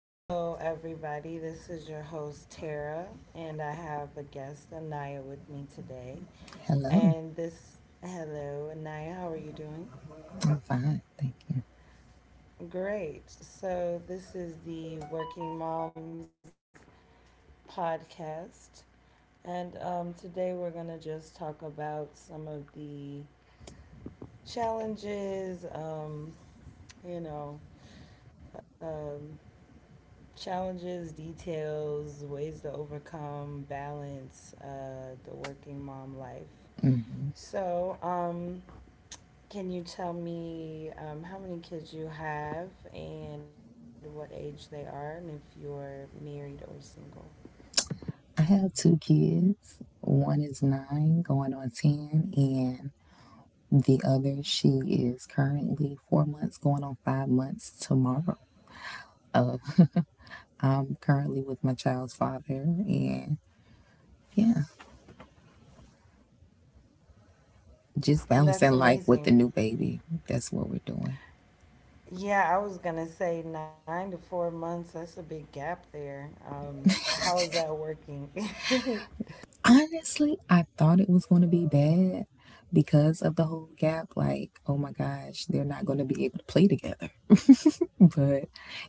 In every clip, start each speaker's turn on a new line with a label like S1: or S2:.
S1: Hello, everybody. This is your host, Tara, and I have a guest, Anaya, with me today.
S2: Hello.
S1: And this, hello, Anaya, how are you doing?
S2: I'm fine. Thank you.
S1: Great. So, this is the Working Moms podcast, and today we're going to just talk about some of the challenges, you know, um, challenges, details, ways to overcome, balance the working mom life. So, um, can you tell me how many kids you have and what age they are, and if you're married or single?
S2: I have two kids. One is nine, going on 10, and the other, she is currently 4 months, going on 5 months tomorrow. Uh, I'm currently with my child's father, and yeah, just
S1: That's
S2: balancing life with the
S1: amazing.
S2: new baby. That's what we're doing.
S1: Yeah, I was gonna say 9 to 4 months. That's a big gap there. How is that working?
S2: Honestly, I thought it was going to be bad because of the whole gap. Like, oh my gosh, they're not going to be able to play together, but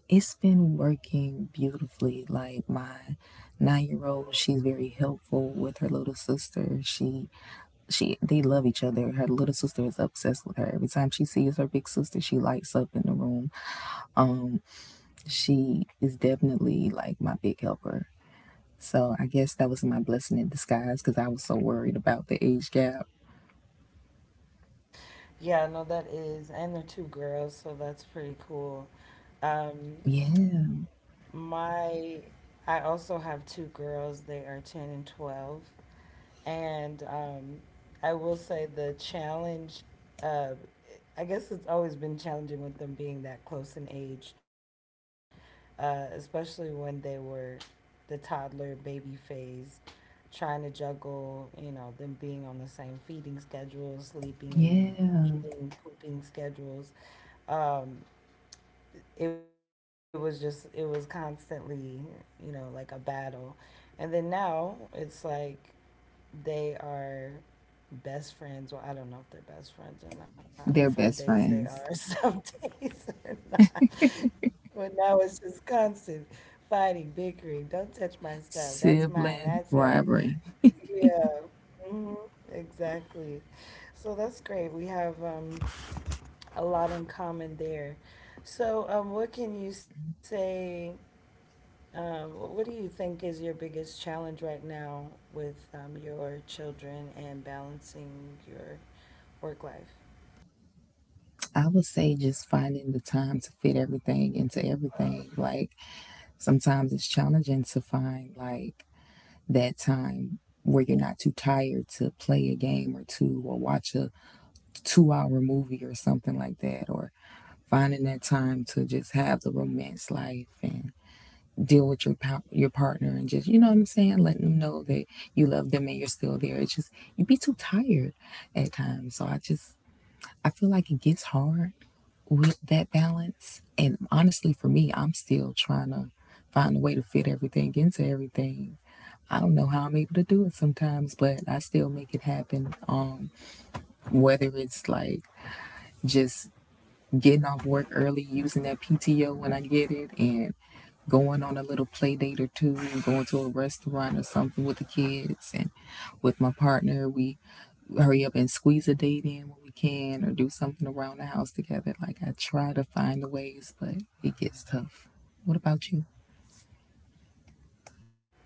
S2: it's been working beautifully. Like my 9 year old, she's very helpful with her little sister. She they love each other. Her little sister is obsessed with her. Every time she sees her big sister, she lights up in the room. She is definitely like my big helper. So I guess that was my blessing in disguise because I was so worried about the age gap.
S1: Yeah, no, that is, and they're two girls, so that's pretty cool.
S2: Yeah,
S1: Um, my I also have two girls. They are 10 and 12. And I will say uh, I guess it's always been challenging with them being that close in age, especially when they were the toddler baby phase, trying to juggle, you know, them being on the same feeding schedules,
S2: yeah.
S1: sleeping and eating, pooping schedules. Um, it was constantly, you know, like a battle. And then now it's like they are best friends. Well, I don't know if they're best friends or not.
S2: They're
S1: Some
S2: best
S1: days they are,
S2: friends.
S1: some days they're not, but now it's just constant fighting, bickering, don't touch my stuff, that's mine, that's
S2: Sibling
S1: your,
S2: rivalry.
S1: yeah. Hmm, exactly. So that's great, we have a lot in common there. So what can you say, what do you think is your biggest challenge right now with your children and balancing your work life?
S2: I would say just finding the time to fit everything into everything. Like sometimes it's challenging to find like that time where you're not too tired to play a game or two, or watch a 2 hour movie or something like that, or finding that time to just have the romance life and deal with your partner, and just, you know what I'm saying, letting them know that you love them and you're still there. It's just you'd be too tired at times. So I just, I feel like it gets hard with that balance. And honestly, for me, I'm still trying to find a way to fit everything into everything. I don't know how I'm able to do it sometimes, but I still make it happen. Whether it's like just getting off work early, using that PTO when I get it, and going on a little play date or two, and going to a restaurant or something with the kids and with my partner. We hurry up and squeeze a date in when we can, or do something around the house together. Like, I try to find the ways, but it gets tough. What about you?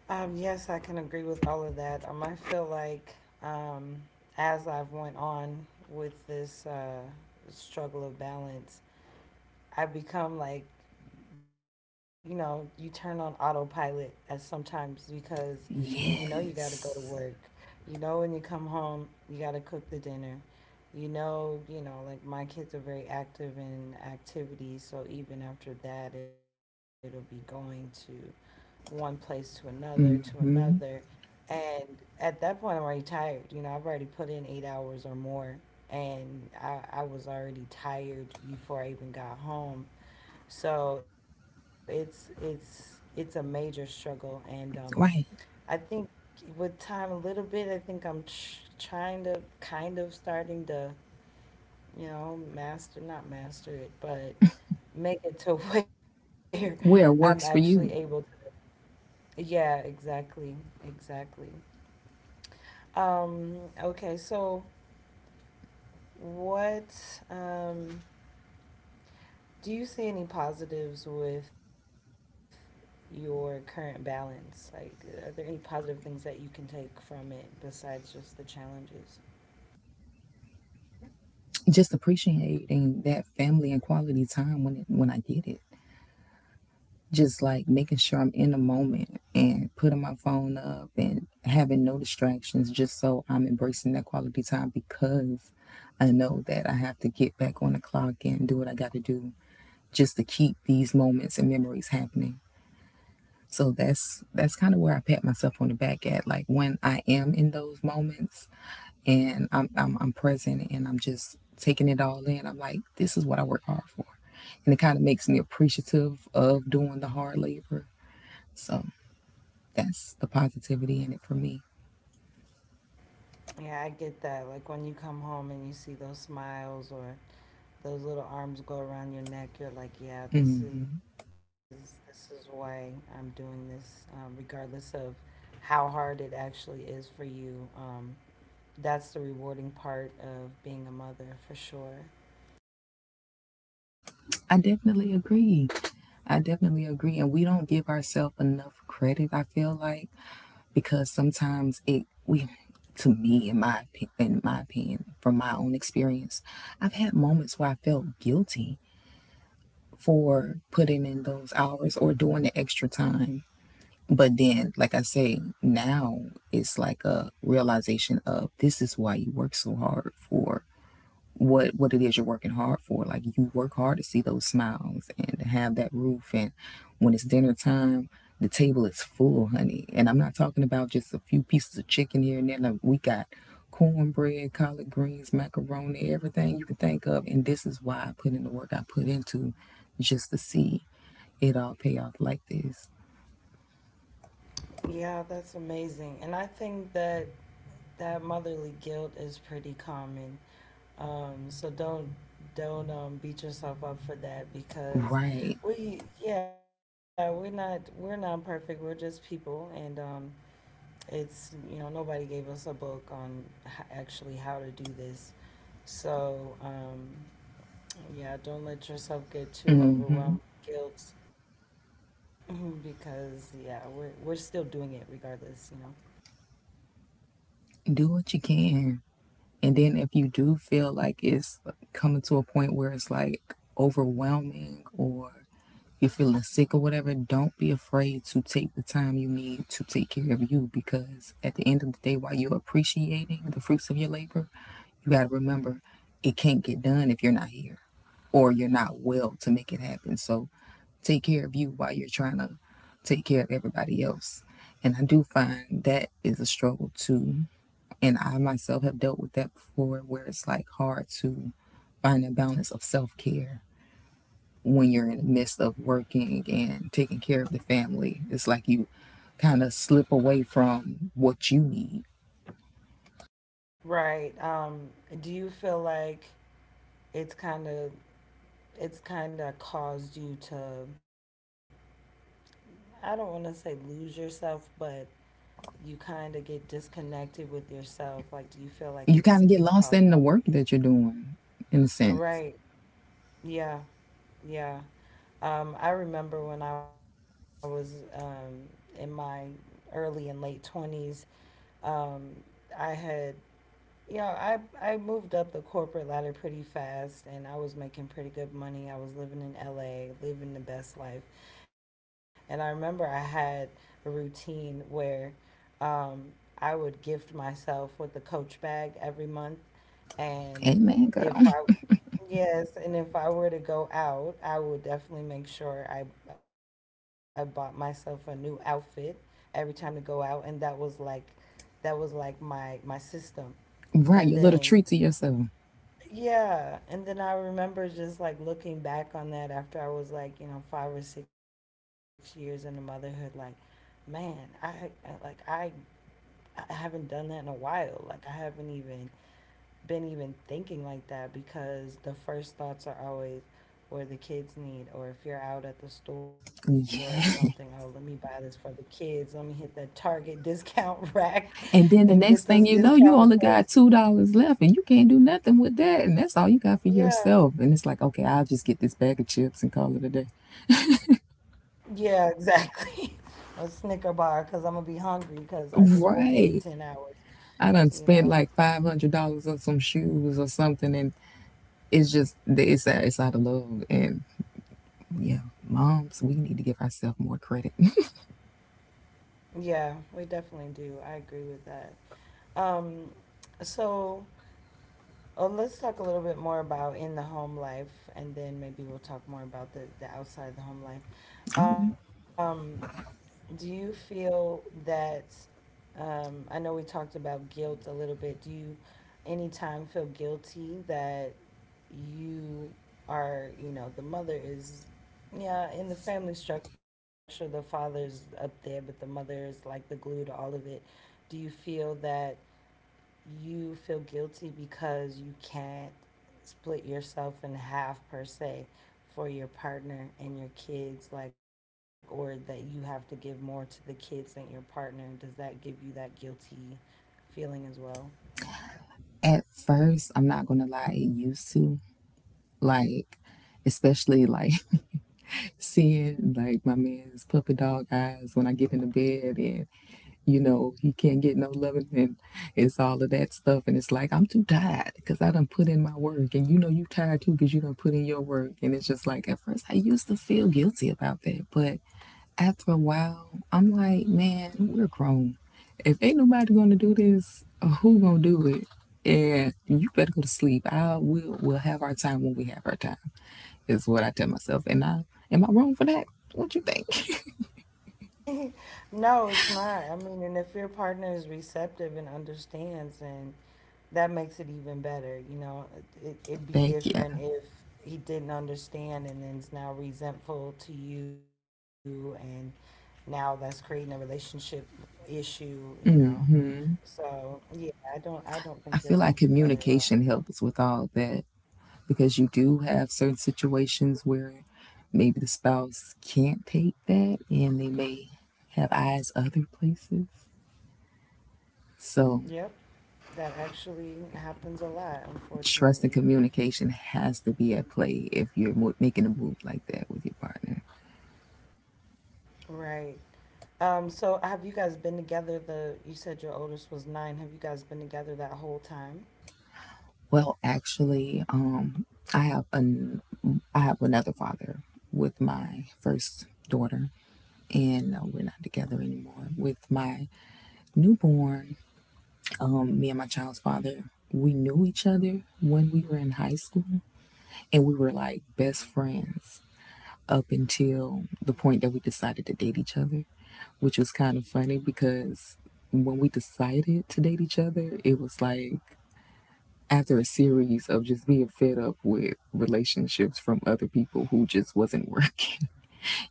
S1: Yes, I can agree with all of that. I feel like um, as I've went on with this struggle of balance, I've become like, you know, you turn on autopilot at sometimes because you know you got to go to work.
S2: Yes.
S1: You know when you come home, you got to cook the dinner. You know, like my kids are very active in activities, so even after that, it'll be going to one place to another to another.
S2: Mm-hmm.
S1: And at that point, I'm already tired. You know, I've already put in 8 hours or more, and I was already tired before I even got home. So it's a major struggle, and
S2: Right.
S1: I think with time a little bit, I think trying to kind of starting to, you know, master, not master it, but make it to where I'm
S2: Where it
S1: actually
S2: works
S1: able to.
S2: for you.
S1: Yeah, exactly, exactly. Um, okay, so what do you see any positives with your current balance? Like, are there any positive things that you can take from it besides just the challenges?
S2: Just appreciating that family and quality time when it, when I get it. Just like making sure I'm in the moment and putting my phone up and having no distractions, just so I'm embracing that quality time, because I know that I have to get back on the clock and do what I got to do just to keep these moments and memories happening. So that's kind of where I pat myself on the back at, like when I am in those moments and I'm present and I'm just taking it all in. I'm like, this is what I work hard for, and it kind of makes me appreciative of doing the hard labor. So that's the positivity in it for me.
S1: Yeah, I get that. Like, when you come home and you see those smiles or those little arms go around your neck, you're like, yeah, this is
S2: Hmm.
S1: this is why I'm doing this, regardless of how hard it actually is for you. That's the rewarding part of being a mother for sure.
S2: I definitely agree. I definitely agree. And we don't give ourselves enough credit, I feel like, because sometimes it, we, to me, in in my opinion, from my own experience, I've had moments where I felt guilty for putting in those hours or doing the extra time. But then, like I say, now it's like a realization of this is why you work so hard for what it is you're working hard for. Like, you work hard to see those smiles and to have that roof, and when it's dinner time, the table is full, honey. And I'm not talking about just a few pieces of chicken here and there. No, we got cornbread, collard greens, macaroni, everything you can think of. And this is why I put in the work I put into, just to see it all pay off like this.
S1: Yeah, that's amazing. And I think that that motherly guilt is pretty common. So don't beat yourself up for that because
S2: Right.
S1: we're not, we're not perfect. We're just people, and it's, you know, nobody gave us a book on actually how to do this. So yeah, don't let yourself get too
S2: Mm hmm.
S1: overwhelmed with guilt because yeah, we're still doing it regardless. You know.
S2: Do what you can. And then if you do feel like it's coming to a point where it's like overwhelming, or you're feeling sick or whatever, don't be afraid to take the time you need to take care of you, because at the end of the day, while you're appreciating the fruits of your labor, you got to remember it can't get done if you're not here or you're not well to make it happen. So take care of you while you're trying to take care of everybody else. And I do find that is a struggle too, and I myself have dealt with that before, where it's like hard to find a balance of self care when you're in the midst of working and taking care of the family. It's like you kind of slip away from what you need.
S1: Right. Do you feel like it's kind of it's kind of caused you to, I don't want to say lose yourself, but you kind of get disconnected with yourself. Like, do you feel like it's
S2: You kind of
S1: it's
S2: get
S1: caused
S2: lost in
S1: that
S2: the
S1: for
S2: work
S1: you?
S2: that you're doing, in a sense.
S1: Right. Yeah. Yeah. I remember when I was in my early and late 20s, um, I had, you know, I moved up the corporate ladder pretty fast, and I was making pretty good money. I was living in LA, living the best life, and I remember I had a routine where um, I would gift myself with a Coach bag every month, and
S2: Amen, girl.
S1: if I yes, and if I were to go out, I would definitely make sure I bought myself a new outfit every time to go out, and that was like my my system. And
S2: Right, your little
S1: then,
S2: treat to yourself.
S1: yeah, and then I remember just like looking back on that after I was like, you know, 5 or 6 years into motherhood, like, man, I haven't done that in a while. Like I haven't even been even thinking like that because the first thoughts are always where the kids need, or if you're out at the store or something,
S2: Yeah.
S1: oh, let me buy this for the kids. Let me hit that Target discount rack
S2: And then the next
S1: and
S2: thing
S1: get
S2: you know,
S1: those
S2: you only
S1: discounted
S2: got two
S1: clothes.
S2: dollars left and you can't do nothing with that. And that's all you got for yourself. And it's like,
S1: Yeah.
S2: okay, I'll just get this bag of chips and call it a day.
S1: Yeah, exactly. A Snicker bar because I'm gonna be hungry because I just worked
S2: Right.
S1: eight, 10 hours,
S2: I done spent
S1: you
S2: like
S1: know?
S2: $500 on some shoes or something, and it's just it's out of love. And yeah, moms, we need to give ourselves more credit.
S1: Yeah, we definitely do. I agree with that. Um, so let's talk a little bit more about in the home life and then maybe we'll talk more about the outside the home life. Um, do you feel that, I know we talked about guilt a little bit. Do you anytime feel guilty that you are, you know, the mother is, yeah, in the family structure, the father's up there, but the mother is like the glue to all of it. Do you feel that you feel guilty because you can't split yourself in half, per se, for your partner and your kids, like, or that you have to give more to the kids than your partner? Does that give you that guilty feeling as well?
S2: At first, I'm not gonna lie, it used to, like, especially like seeing like my man's puppy dog eyes when I get into bed, and you know he can't get no loving, and it's all of that stuff, and it's like, I'm too tired because I done put in my work, and you know you tired too because you done put in your work. And it's just like at first I used to feel guilty about that, but after a while I'm like, man, we're grown. If ain't nobody gonna do this, who gonna do it? And you better go to sleep. I will. We'll have our time when we have our time, is what I tell myself. And I, am I wrong for that? What you think?
S1: No, it's not. I mean, and if your partner is receptive and understands, and that makes it even better. You know, it'd be
S2: Thank you.
S1: different if he didn't understand and then's now resentful to you, and now that's creating a relationship issue. You know,
S2: Hmm.
S1: so yeah, I don't think
S2: I
S1: you're
S2: feel
S1: wrong
S2: like
S1: for that at all.
S2: communication helps with all that, because you do have certain situations where maybe the spouse can't take that and they may have eyes other places. So,
S1: Yep, that actually happens a lot,
S2: trust and
S1: unfortunately.
S2: communication has to be at play if you're making a move like that with your partner.
S1: Right. So have you guys been together the you said your oldest was nine. Have you guys been together that whole time?
S2: Well, actually, I have an I have another father with my first daughter, and we're not together anymore. With my newborn, me and my child's father, we knew each other when we were in high school, and we were like best friends up until the point that we decided to date each other, which was kind of funny because when we decided to date each other, it was like after a series of just being fed up with relationships from other people who just wasn't working.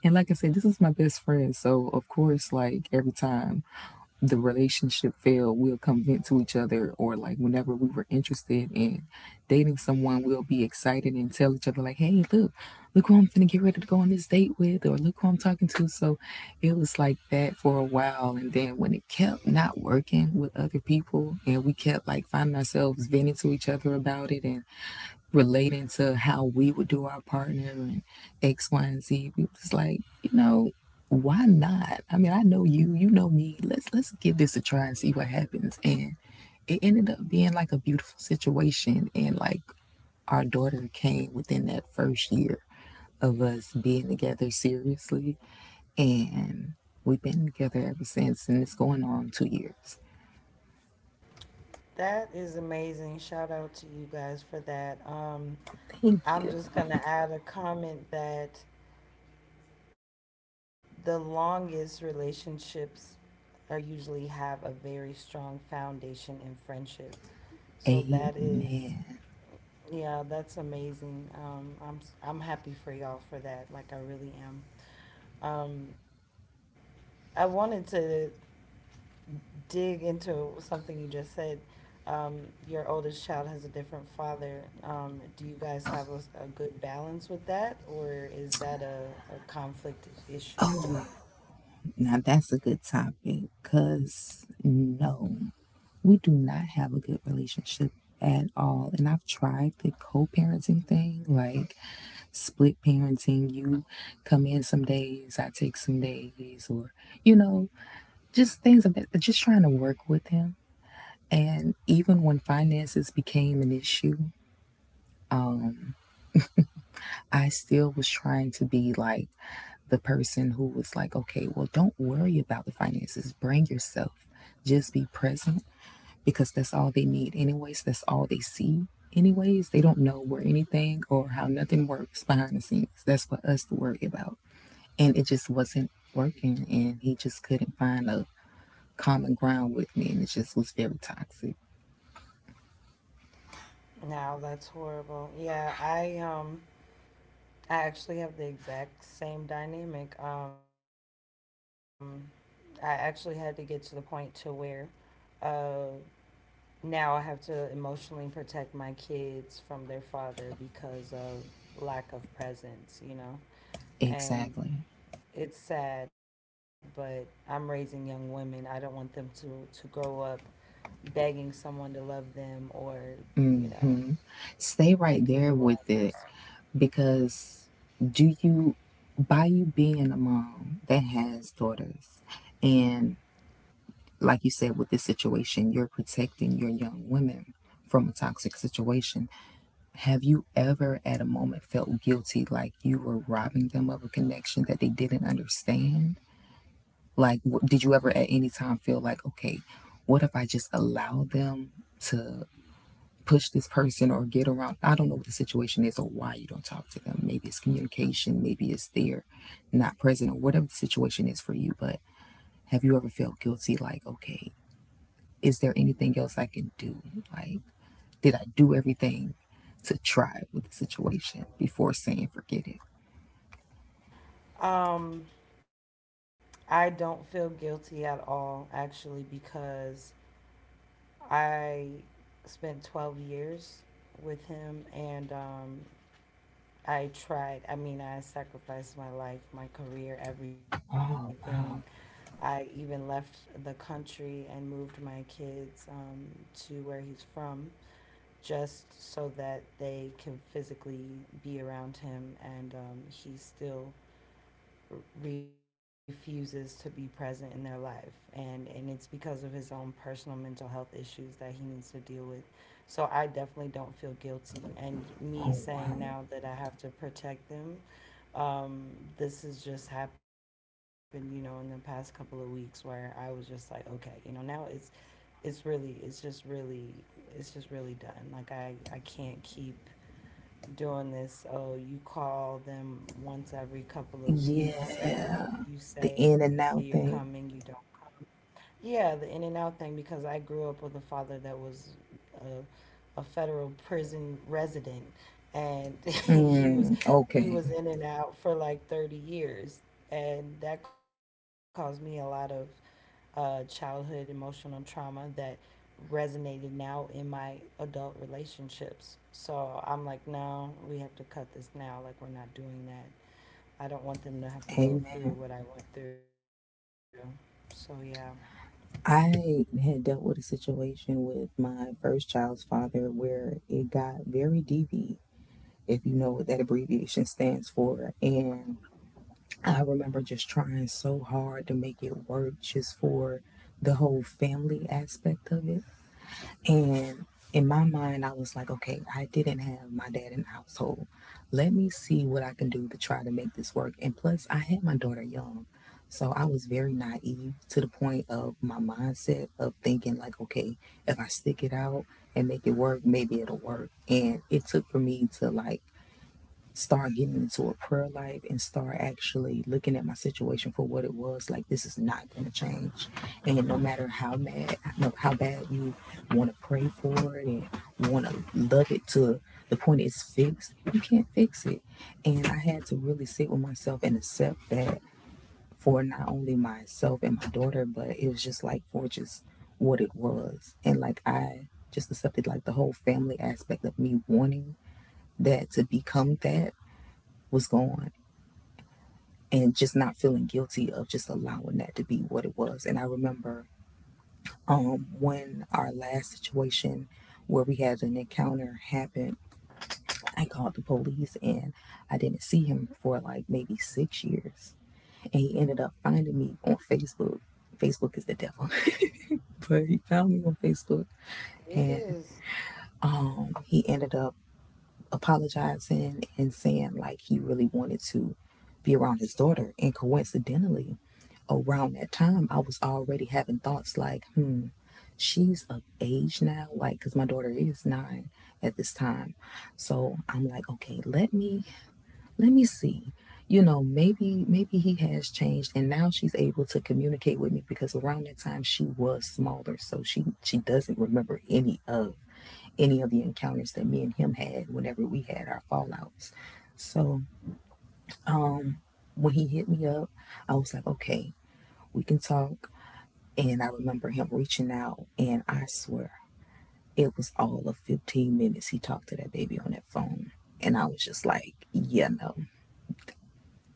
S2: And like I said, this is my best friend. So, of course, like every time the relationship failed, we'll convince to each other, or like whenever we were interested in dating someone, we'll be excited and tell each other, like, hey, look, look who I'm finna get ready to go on this date with, or look who I'm talking to. So it was like that for a while. And then when it kept not working with other people, and we kept like finding ourselves venting to each other about it, and relating to how we would do our partner and X, Y, and Z. We was like, you know, why not? I mean, I know you, you know me. Let's give this a try and see what happens. And it ended up being like a beautiful situation. And like our daughter came within that first year of us being together seriously. And we've been together ever since. And it's going on 2 years.
S1: That is amazing. Shout out to you guys for that.
S2: Thank
S1: I'm
S2: you.
S1: just gonna add a comment that the longest relationships are usually have a very strong foundation in friendship. So that
S2: Amen.
S1: is, yeah, that's amazing. I'm happy for y'all for that. Like I really am. Um, I wanted to dig into something you just said. Um, your oldest child has a different father. Do you guys have a good balance with that, or is that a conflict issue?
S2: Oh, now that's a good topic because no, we do not have a good relationship at all. And I've tried the co parenting thing, like split parenting. You come in some days, I take some days, or, you know, just things of that, just trying to work with him. And even when finances became an issue, I still was trying to be like the person who was like, okay, well, don't worry about the finances. Bring yourself. Just be present, because that's all they need, anyways. That's all they see, anyways. They don't know where anything or how nothing works behind the scenes. That's for us to worry about. And it just wasn't working, and he just couldn't find a common ground with me, and it just was very toxic.
S1: No, that's horrible. I actually have the exact same dynamic. I actually had to get to the point to where uh, now I have to emotionally protect my kids from their father because of lack of presence, you know. And
S2: Exactly.
S1: it's sad, but I'm raising young women. I don't want them to grow up begging someone to love them, or, you
S2: mm
S1: know,
S2: hmm Stay right
S1: picking
S2: there
S1: the wrong
S2: with it.
S1: person.
S2: Because do you, by you being a mom that has daughters, and like you said, with this situation you're protecting your young women from a toxic situation, have you ever at a moment felt guilty like you were robbing them of a connection that they didn't understand? Like, did you ever at any time feel like, okay, what if I just allow them to push this person or get around? I don't know what the situation is, or why you don't talk to them. Maybe it's communication, maybe it's they're not present, or whatever the situation is for you. But have you ever felt guilty like, okay, is there anything else I can do? Like, did I do everything to try with the situation before saying forget it?
S1: Um, I don't feel guilty at all actually because I spent 12 years with him, and I tried. I mean, I sacrificed my life, my career, everything.
S2: Oh,
S1: I even left the country and moved my kids to where he's from just so that they can physically be around him, and he still refuses to be present in their life, and it's because of his own personal mental health issues that he needs to deal with. So I definitely don't feel guilty, and me
S2: oh
S1: saying
S2: wow.
S1: now that I have to protect them, um, this has just happened, you know, in the past couple of weeks, where I was just like, okay, you know, now it's really it's just really it's just really done. Like I can't keep doing this, oh, you call them once every couple of weeks, or
S2: Yeah.
S1: you
S2: The
S1: say you're
S2: in and
S1: coming,
S2: out
S1: you don't
S2: thing.
S1: come. Yeah, the in and out thing, because I grew up with a father that was a, a federal prison resident, and he was
S2: Mm,
S1: he
S2: okay.
S1: was in and out for like 30 years, and that caused me a lot of childhood emotional trauma that resonated now in my adult relationships. So I'm like, no, we have to cut this now. Like, we're not doing that. I don't want them to have to go through
S2: Amen.
S1: what I went through. So, yeah.
S2: I had dealt with a situation with my first child's father where it got very DV, if you know what that abbreviation stands for. And I remember just trying so hard to make it work just for the whole family aspect of it. And in my mind, I was like, okay, I didn't have my dad in the household. Let me see what I can do to try to make this work. And plus, I had my daughter young. So I was very naive to the point of my mindset of thinking, like, okay, if I stick it out and make it work, maybe it'll work. And it took for me to like, start getting into a prayer life and start actually looking at my situation for what it was. Like, this is not going to change, and no matter how mad, no, how bad you want to pray for it and want to love it to the point it's fixed, you can't fix it. And I had to really sit with myself and accept that, for not only myself and my daughter, but it was just like for just what it was. And like, I just accepted like the whole family aspect of me wanting that to become that was gone, and just not feeling guilty of just allowing that to be what it was. And I remember when our last situation where we had an encounter happened, I called the police and I didn't see him for like maybe six years. And he ended up finding me on Facebook. Facebook is the devil, but he found me on Facebook.
S1: It
S2: And
S1: is.
S2: he ended up apologizing and saying like he really wanted to be around his daughter. And coincidentally, around that time, I was already having thoughts like, hmm, she's of age now, like, because my daughter is nine at this time. So I'm like, okay, let me see. You know, maybe, maybe he has changed, and now she's able to communicate with me, because around that time she was smaller, so she doesn't remember any of the encounters that me and him had whenever we had our fallouts. So when he hit me up, I was like, okay, we can talk. And I remember him reaching out, and I swear it was all of 15 minutes he talked to that baby on that phone. And I was just like, yeah, no.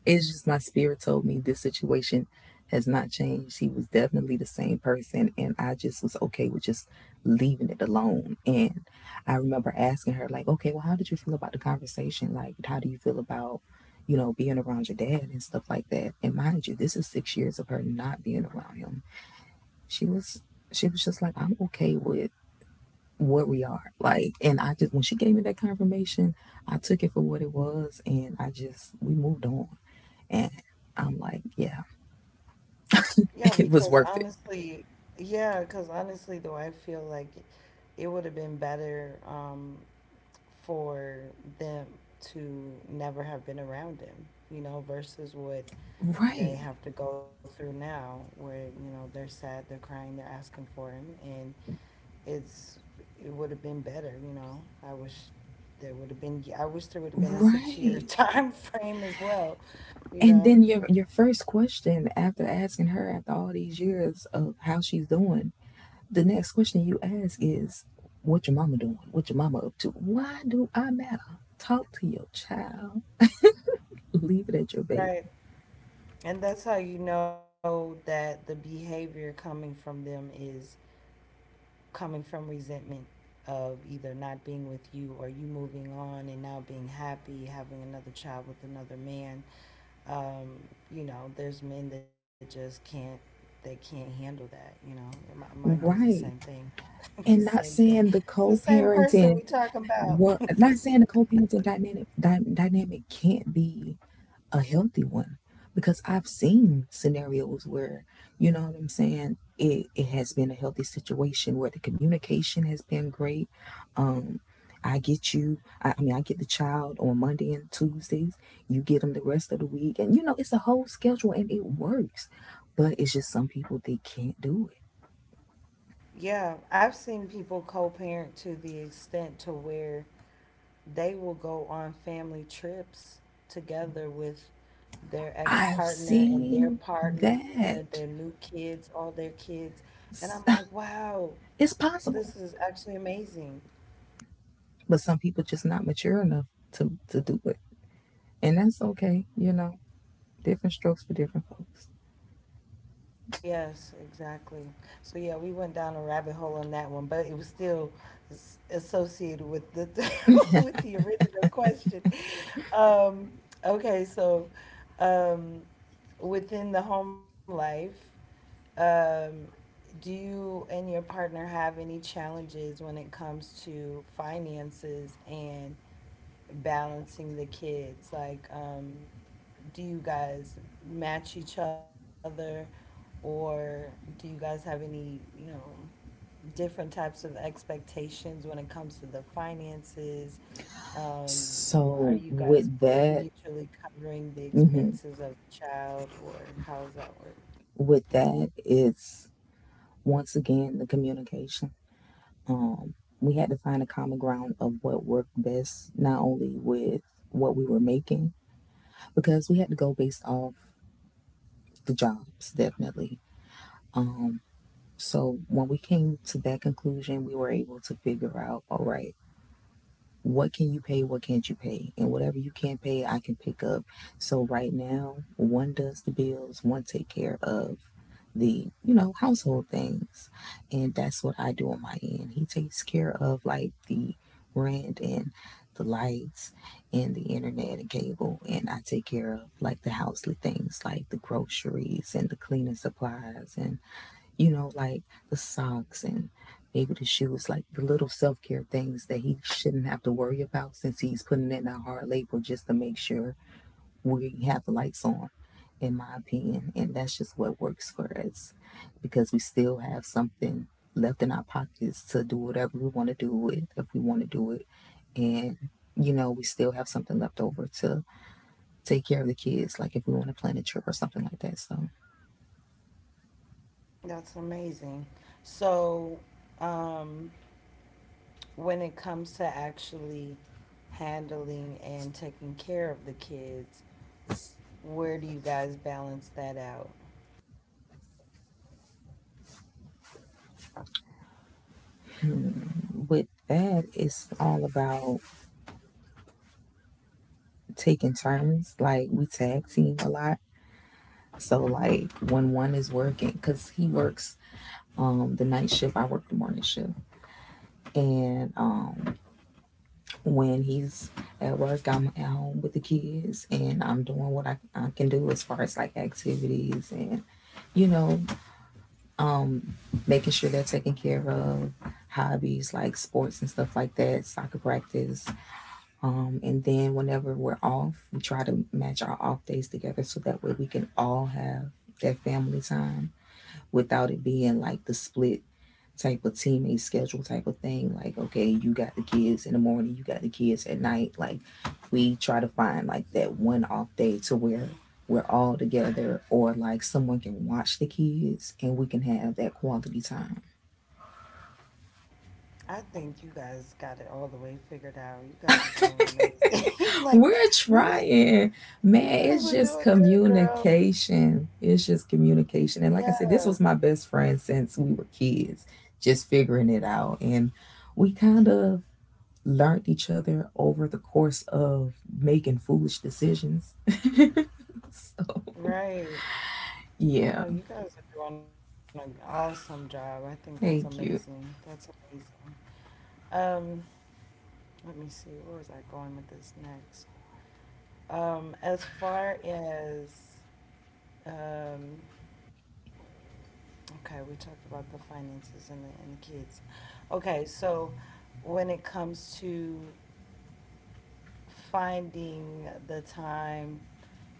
S2: It's just my spirit told me this situation has not changed. He was definitely the same person, and I just was okay with just leaving it alone. And I remember asking her, like, okay, well, how did you feel about the conversation? Like, how do you feel about, you know, being around your dad and stuff like that? And mind you, this is six years of her not being around him. She was, she was just like, I'm okay with where we are. Like, and I just, when she gave me that confirmation, I took it for what it was, and I just, we moved on. And I'm like, yeah,
S1: Yeah,
S2: it was
S1: because
S2: worth it.
S1: honestly, I feel like it would have been better for them to never have been around him, you know, versus what they
S2: Right.
S1: have to go through now where you know they're sad, they're crying, they're asking for him. And it's it would have been better, you know. I wish there would have been I wish there would have been a 6 year
S2: Right.
S1: time frame as well, you
S2: And
S1: know.
S2: then your first question after asking her after all these years of how she's doing, the next question you ask is, what your mama doing, what your mama up to? Why do I matter? Talk to your child. Leave it at your baby.
S1: Right. And that's how you know that the behavior coming from them is coming from resentment of either not being with you or you moving on and now being happy having another child with another man. Um, you know, there's men that just can't, they can't handle that, you know. And mine does the same
S2: Right.
S1: thing. The
S2: And not
S1: same thing.
S2: saying the
S1: It's the same person
S2: co-parenting
S1: we talking about.
S2: work, not saying the co-parenting dynamic dynamic can't be a healthy one, because I've seen scenarios where, you know what I'm saying, it has been a healthy situation where the communication has been great. Um, I get you. I mean, I get the child on Monday and Tuesdays, you get them the rest of the week, and you know, it's a whole schedule and it works. But it's just some people they can't do it.
S1: Yeah, I've seen people co-parent to the extent to where they will go on family trips together with their
S2: I've
S1: ex-partner and their
S2: seen
S1: partner, their new
S2: that.
S1: kids, all their kids. And I'm like, wow,
S2: It's
S1: this
S2: possible,
S1: is actually amazing.
S2: but some people just not mature enough to do it, and that's okay. You know, different strokes for different folks.
S1: Yes, exactly. So yeah, we went down a rabbit hole on that one, but it was still associated with the with the original question. Um, okay, so um, within the home life, um, do you and your partner have any challenges when it comes to finances and balancing the kids? Like, do you guys match each other, or do you guys have any, you know, different types of expectations when it comes to the finances? Um, are
S2: So
S1: you guys
S2: with
S1: both
S2: that,
S1: mutually covering the
S2: mhm,
S1: expenses of the child, or how does that work?
S2: with that, it's once again the communication. Um, we had to find a common ground of what worked best, not only with what we were making, because we had to go based off the jobs, definitely. Um, so when we came to that conclusion, we were able to figure out, all right, what can you pay, what can't you pay, and whatever you can't pay, I can pick up. So right now, one does the bills, one take care of the, you know, household things, and that's what I do on my end. He takes care of like the rent and the lights and the internet and cable, and I take care of like the housely things like the groceries and the cleaning supplies and, you know, like the socks and maybe the shoes, like the little self care things that he shouldn't have to worry about since he's putting in that hard labor just to make sure we have the lights on, in my opinion. And that's just what works for us, because we still have something left in our pockets to do whatever we want to do with, if we want to do it. And you know, we still have something left over to take care of the kids, like if we want to plan a trip or something like that. So,
S1: That's amazing. So, um, when it comes to actually handling and taking care of the kids, where do you guys balance that out?
S2: with that, it's all about taking turns. Like, we tag team a lot. So like when one is working, cause he works the night shift, I work the morning shift. And when he's at work, I'm at home with the kids and I'm doing what I can do as far as like activities and, you know, making sure they're taken care of, hobbies like sports and stuff like that, soccer practice. And then whenever we're off, we try to match our off days together so that way we can all have that family time without it being like the split type of teammate schedule type of thing. Like, okay, you got the kids in the morning, you got the kids at night. Like, we try to find like that one off day to where we're all together, or like someone can watch the kids and we can have that quality time.
S1: I think you guys got it all the way figured out. You guys are doing amazing. Like
S2: We're
S1: you guys
S2: trying. Man,
S1: you guys
S2: it's
S1: are
S2: just
S1: doing good, girl.
S2: communication. It's just
S1: Yeah,
S2: communication. And like I said, this was my best friend since we were kids, just figuring it out. And we kind of learned each other over the course of making foolish decisions. So,
S1: right.
S2: yeah.
S1: No, you guys are doing an awesome job. I think that's
S2: Thank you.
S1: amazing. That's amazing. Um, Let me see. Where was I going with this next? As far as um okay, we talked about the finances and the kids. Okay, so when it comes to finding the time,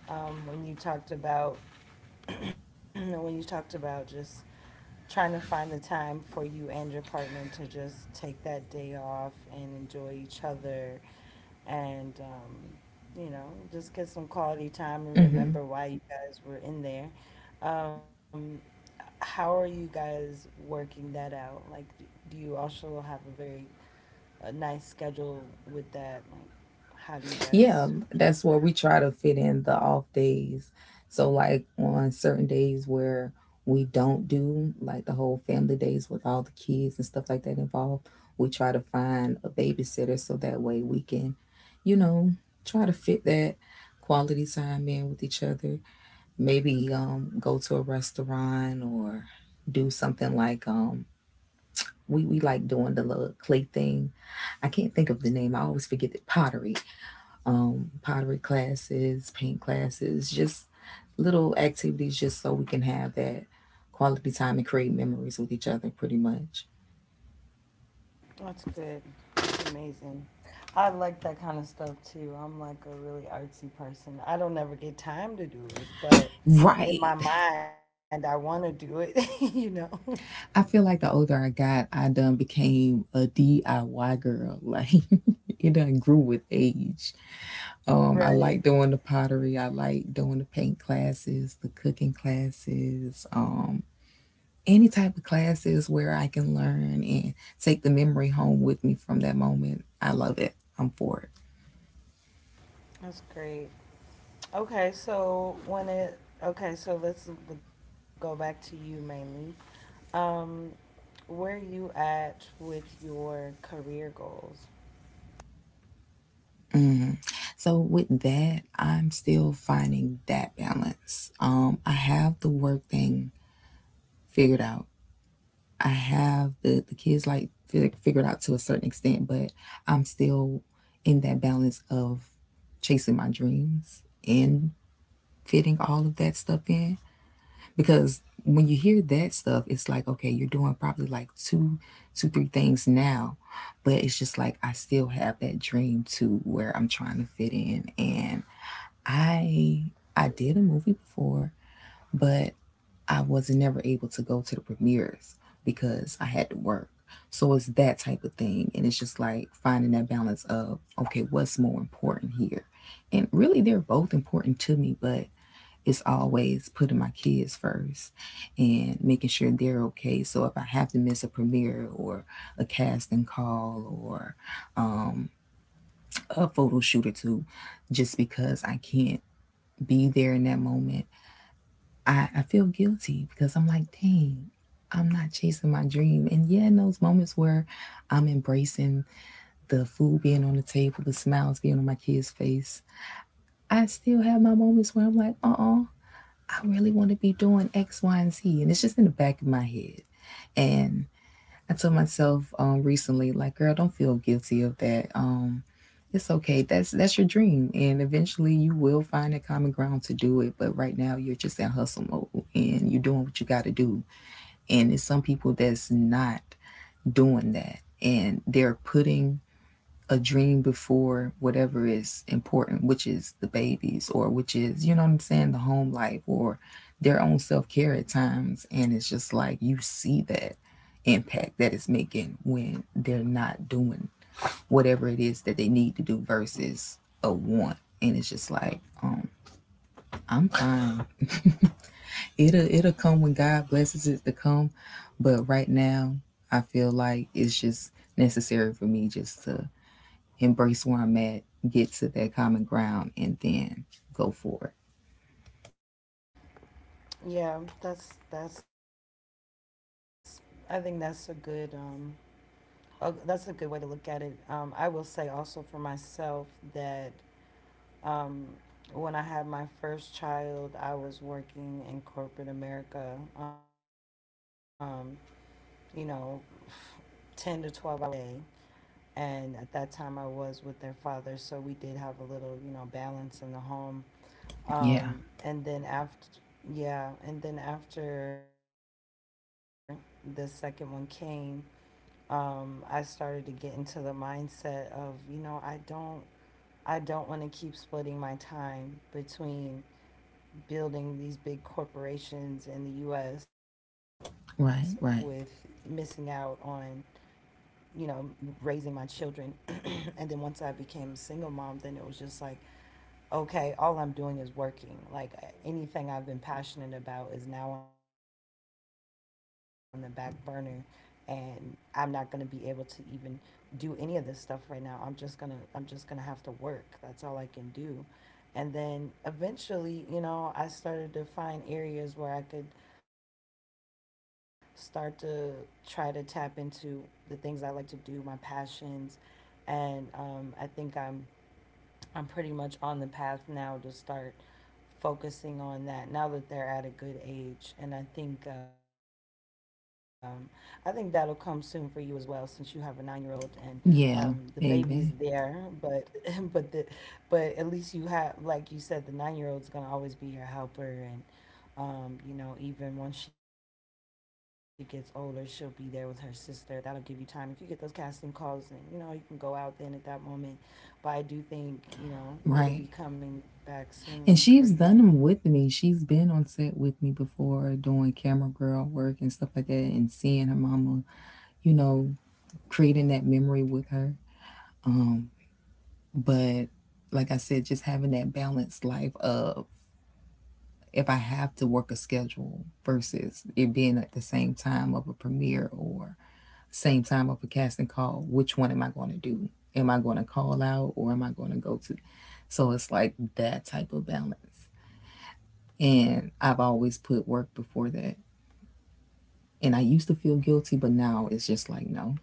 S1: when you talked about, when you talked about just trying to find the time for you and your partner to just take that day off and enjoy each other and you know, just get some quality time and
S2: Mm-hmm.
S1: remember why you guys were in there. um, how are you guys working that out? Like do you also have a very a nice schedule with that? Like how do you
S2: Yeah,
S1: guys?
S2: that's where we try to fit in the off days. So, like on certain days where we don't do like the whole family days with all the kids and stuff like that involved, we try to find a babysitter so that way we can, you know, try to fit that quality time in with each other. Maybe go to a restaurant or do something like we like doing the little clay thing. I can't think of the name. I always forget the pottery. Pottery classes, paint classes, just little activities just so we can have that quality time and create memories with each other pretty much.
S1: That's good. That's amazing. I like that kind of stuff too. I'm like a really artsy person. I don't ever get time to do it, but in
S2: Right.
S1: my mind, I want to do it, you know?
S2: I feel like the older I got, I done became a DIY girl. Like, it done grew with age. I
S1: Right.
S2: like doing the pottery. I like doing the paint classes, the cooking classes. Any type of classes where I can learn and take the memory home with me from that moment. I love it. I'm for it.
S1: That's great. Okay, so when it, okay, so let's go back to you mainly. Um, where are you at with your career goals?
S2: So with that, I'm still finding that balance. I have the work thing figured out. I have the kids like figured out to a certain extent, but I'm still in that balance of chasing my dreams and fitting all of that stuff in, because when you hear that stuff, it's like, okay, you're doing probably like two three things now. But it's just like, I still have that dream to where I'm trying to fit in. And i I did a movie before, but I wasn't never able to go to the premieres because I had to work. So it's that type of thing. And it's just like finding that balance of, okay, what's more important here? And really they're both important to me, but it's always putting my kids first and making sure they're okay. So if I have to miss a premiere or a casting call or um, a photo shoot or two, just because I can't be there in that moment, I feel guilty because I'm like, dang, I'm not chasing my dream. And yeah, in those moments where I'm embracing the food being on the table, the smiles being on my kids' face, I still have my moments where I'm like, I really want to be doing X, Y, and Z. And it's just in the back of my head. And I told myself recently, like, girl, don't feel guilty of that. It's okay. That's your dream. And eventually you will find a common ground to do it. But right now you're just in hustle mode and you're doing what you gotta do. And it's some people that's not doing that. And they're putting a dream before whatever is important, which is the babies or which is, you know what I'm saying, the home life or their own self care at times. And it's just like you see that impact that it's making when they're not doing whatever it is that they need to do versus a want. And it's just like, I'm fine. It'll come when God blesses it to come. But right now I feel like it's just necessary for me just to embrace where I'm at, get to that common ground, and then go for it.
S1: Yeah, that's, that's, I think that's a good, oh, that's a good way to look at it. I will say also for myself that um, when I had my first child, I was working in corporate America, you know, 10 to 12 hours a day. And at that time, I was with their father, so we did have a little, you know, balance in the home.
S2: Yeah.
S1: And then after, yeah, and then after the second one came, I started to get into the mindset of, you know, I don't want to keep splitting my time between building these big corporations in the US with missing
S2: Right.
S1: out
S2: Right.
S1: on, you know, raising my children. And then once I became a single mom, then it was just like, okay, all I'm doing is working. Like anything I've been passionate about is now on the back burner, and I'm not gonna be able to even do any of this stuff right now. I'm just gonna have to work. That's all I can do. And then eventually, you know, I started to find areas where I could start to try to tap into the things I like to do, my passions, and I think I'm pretty much on the path now to start focusing on that now that they're at a good age. And I think that'll come soon for you as well, since you have a 9 year old and the
S2: Yeah.
S1: baby's there.
S2: Amen.
S1: But but the but at least you have, like you said, the 9 year old's gonna always be your helper. And you know, even once she gets older, she'll be there with her sister. That'll give you time. If you get those casting calls and, you know, you can go out then at that moment. But I do think, you know, it'll
S2: Right.
S1: be coming back
S2: And
S1: soon for
S2: she's
S1: you.
S2: done them with me. She's been on set with me before doing camera girl work and stuff like that and seeing her mama, you know, creating that memory with her. Um, but like I said, just having that balanced life of, if I have to work a schedule versus it being at the same time of a premiere or same time of a casting call, which one am I going to do? Am I going to call out or am I going to go to? So it's like that type of balance. And I've always put work before that. And I used to feel guilty, but now it's just like, no.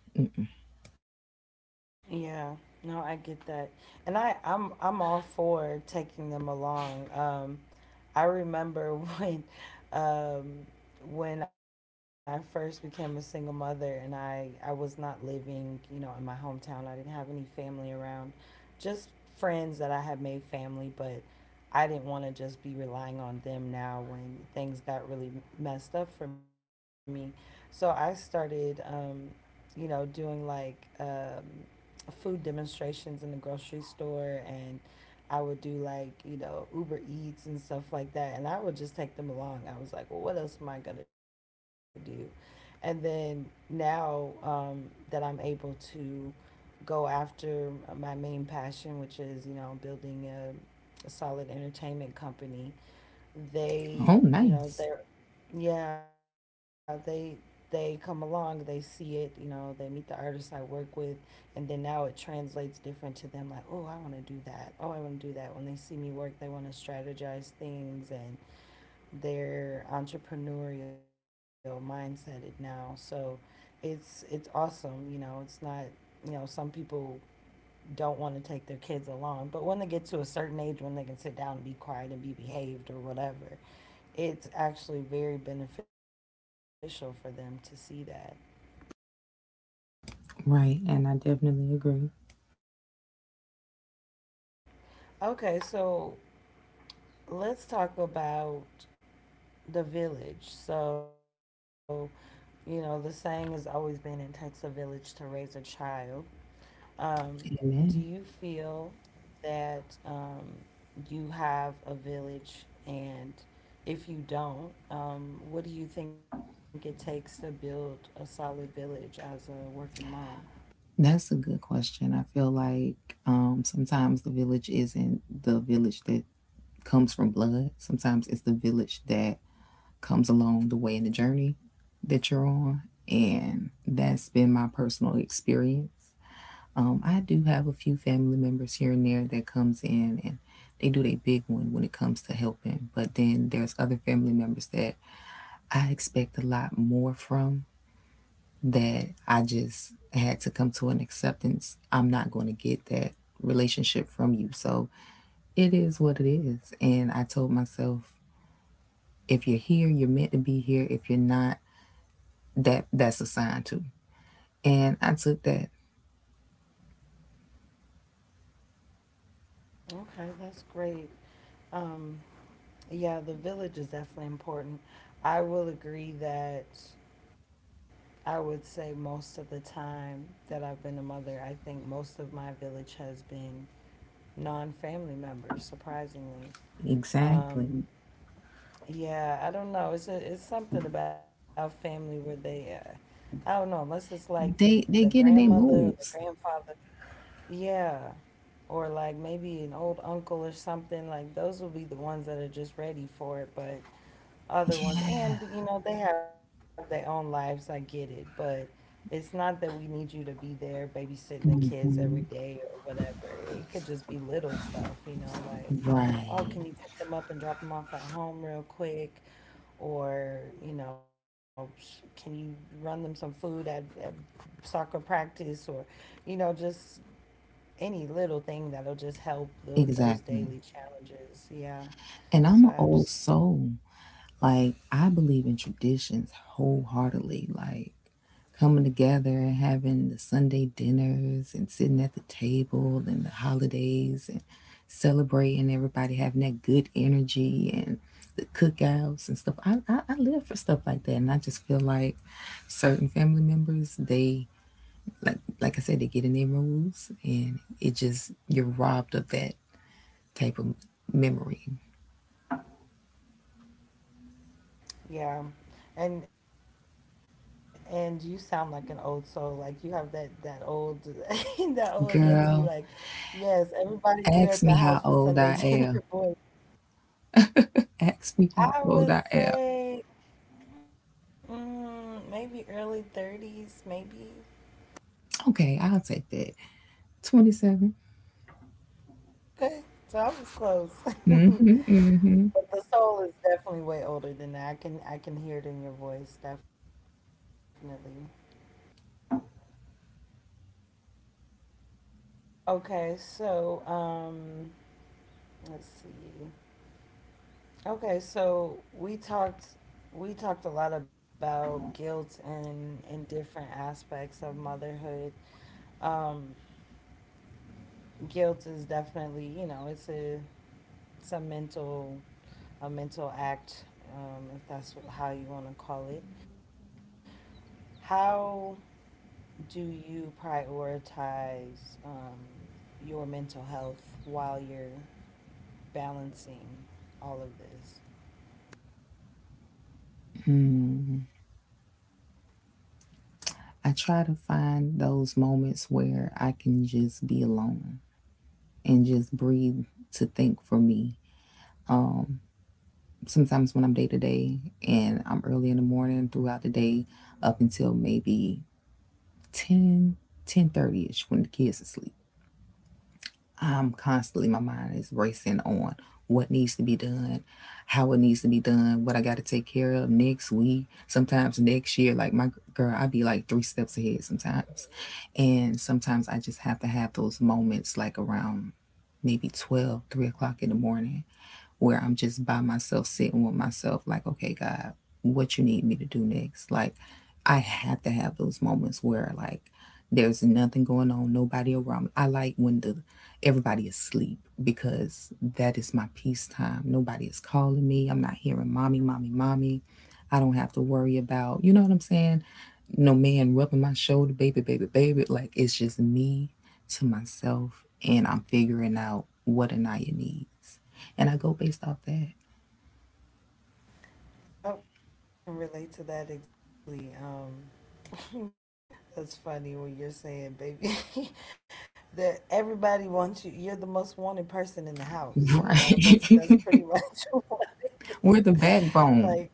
S1: Yeah, no, I get that, and I'm all for taking them along. I remember um, when I first became a single mother, and I was not living, you know, in my hometown. I didn't have any family around, just friends that I had made family, but I didn't want to just be relying on them now when things got really messed up for me. So I started, you know, doing like. Food demonstrations in the grocery store, and I would do like, you know, Uber Eats and stuff like that. And I would just take them along. I was like, well, what else am I going to do? And then now that I'm able to go after my main passion, which is, you know, building a solid entertainment company, they,
S2: Oh,
S1: you know,
S2: nice.
S1: they're, yeah, they come along, they see it, you know, they meet the artists I work with. And then now it translates different to them, like, oh, I want to do that, oh, I want to do that. When they see me work, they want to strategize things, and their entrepreneurial mindset it now. So it's awesome, you know. It's not, you know, some people don't want to take their kids along, but when they get to a certain age when they can sit down and be quiet and be behaved or whatever, it's actually very beneficial for them to see that.
S2: Right, and I definitely agree.
S1: Okay, so let's talk about the village. So, you know, the saying has always been it takes a village to raise a child. Um, do you
S2: Amen.
S1: feel that you have a village? And if you don't, what do you think it takes to build a solid village as a working mom?
S2: That's a good question. I feel like sometimes the village isn't the village that comes from blood. Sometimes it's the village that comes along the way in the journey that you're on. And that's been my personal experience. I do have a few family members here and there that comes in and they do their big one when it comes to helping. But then there's other family members that I expect a lot more from that I just had to come to an acceptance. I'm not going to get that relationship from you. So it is what it is. And I told myself, if you're here, you're meant to be here. If you're not, that that's assigned to. And I took that.
S1: Okay, that's great. Um, Yeah, the village is definitely important. I will agree that I would say most of the time that I've been a mother, I think most of my village has been non family members, surprisingly. Um,
S2: Exactly.
S1: yeah, I don't know. It's, a, it's something about family where they, I don't know, unless it's like your the
S2: They get in
S1: grandmother
S2: their
S1: or the
S2: moods.
S1: grandfather. Yeah. Or like maybe an old uncle or something. Like those will be the ones that are just ready for it. But other ones, and you know they have their own lives, I get it, but it's not that we need you to be there babysitting the kids every day or whatever. It could just be little stuff, you know, like, you know,
S2: Right.
S1: oh, can you pick them up and drop them off at home real quick or, you know, can you run them some food at soccer practice or, you know, just any little thing that'll just help those
S2: Exactly.
S1: daily challenges, yeah,
S2: And I'm an
S1: so I
S2: old
S1: understand.
S2: soul. Like I believe in traditions wholeheartedly. Like coming together and having the Sunday dinners and sitting at the table and the holidays and celebrating everybody having that good energy and the cookouts and stuff. I live for stuff like that. And I just feel like certain family members, they, like I said, they get in their rules, and it just you're robbed of that type of memory.
S1: Yeah. And you sound like an old soul. Like you have that that old that old auntie like,
S2: Girl,
S1: yes, everybody get at the house for
S2: ask me
S1: Sunday
S2: how
S1: dinner,
S2: old I
S1: boy.
S2: am. Ask me how
S1: I
S2: old
S1: would
S2: I am.
S1: say, mm, maybe early 30s, maybe.
S2: Okay, I'll take that. 27.
S1: Okay. So I was close. But the soul is definitely way older than that. I can hear it in your voice, definitely. Okay, so let's see. Okay, so we talked a lot about guilt and different aspects of motherhood. Um, Guilt is definitely, you know, it's a mental act, if that's how you want to call it. How do you prioritize your mental health while you're balancing all of this?
S2: I try to find those moments where I can just be alone and just breathe to think for me. Sometimes when I'm day to day and I'm early in the morning throughout the day up until maybe 10, 10 ish when the kids are asleep. I'm constantly, my mind is racing on what needs to be done, how it needs to be done, what I got to take care of next week, sometimes next year. Like my girl, I be like three steps ahead sometimes. And sometimes I just have to have those moments like around maybe 12, 3 o'clock in the morning where I'm just by myself sitting with myself, like, okay, God, what you need me to do next? Like, I have to have those moments where, like, there's nothing going on, nobody around me. I like when the everybody is asleep because that is my peace time. Nobody is calling me. I'm not hearing mommy, mommy, mommy. I don't have to worry about, you know what I'm saying? No man rubbing my shoulder, baby, baby, baby. Like it's just me to myself and I'm figuring out what Anaya needs, and I go based off that.
S1: Yep, I can relate to that exactly. That's funny what you're saying, baby, that everybody wants you. You're the most wanted person in the house. You know, that's
S2: Right.
S1: pretty much what it
S2: We're
S1: is.
S2: the backbone.
S1: Like,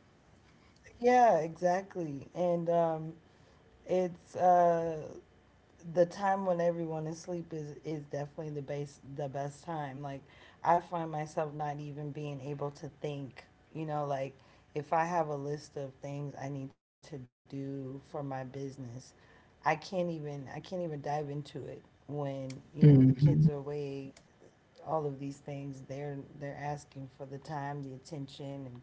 S1: yeah, exactly. And it's The time when everyone is asleep is definitely the base the best time. Like, I find myself not even being able to think, you know, like if I have a list of things I need to do for my business, I can't even dive into it when, you know, the kids
S2: Hmm.
S1: are awake. All of these things, they're asking for the time, the attention, and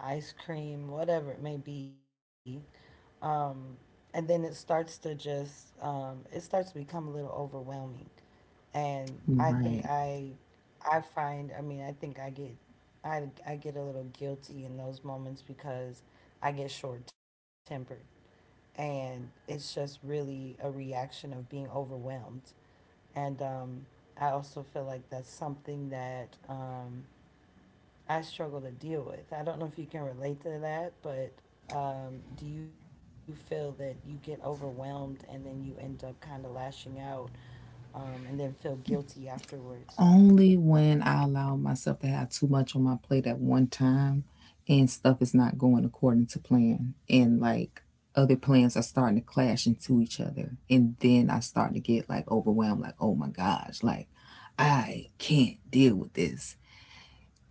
S1: ice cream, whatever it may be. um, and then it starts to it starts to become a little overwhelming. And I think
S2: Right.
S1: I find, I mean, I think I get, I get a little guilty in those moments because I get short tempered. And it's just really a reaction of being overwhelmed. And I also feel like that's something that I struggle to deal with. I don't know if you can relate to that, but do you feel that you get overwhelmed and then you end up kind of lashing out, and then feel guilty afterwards?
S2: Only when I allow myself to have too much on my plate at one time, and stuff is not going according to plan, and like other plans are starting to clash into each other, and then I start to get like overwhelmed, like, oh my gosh, like I can't deal with this.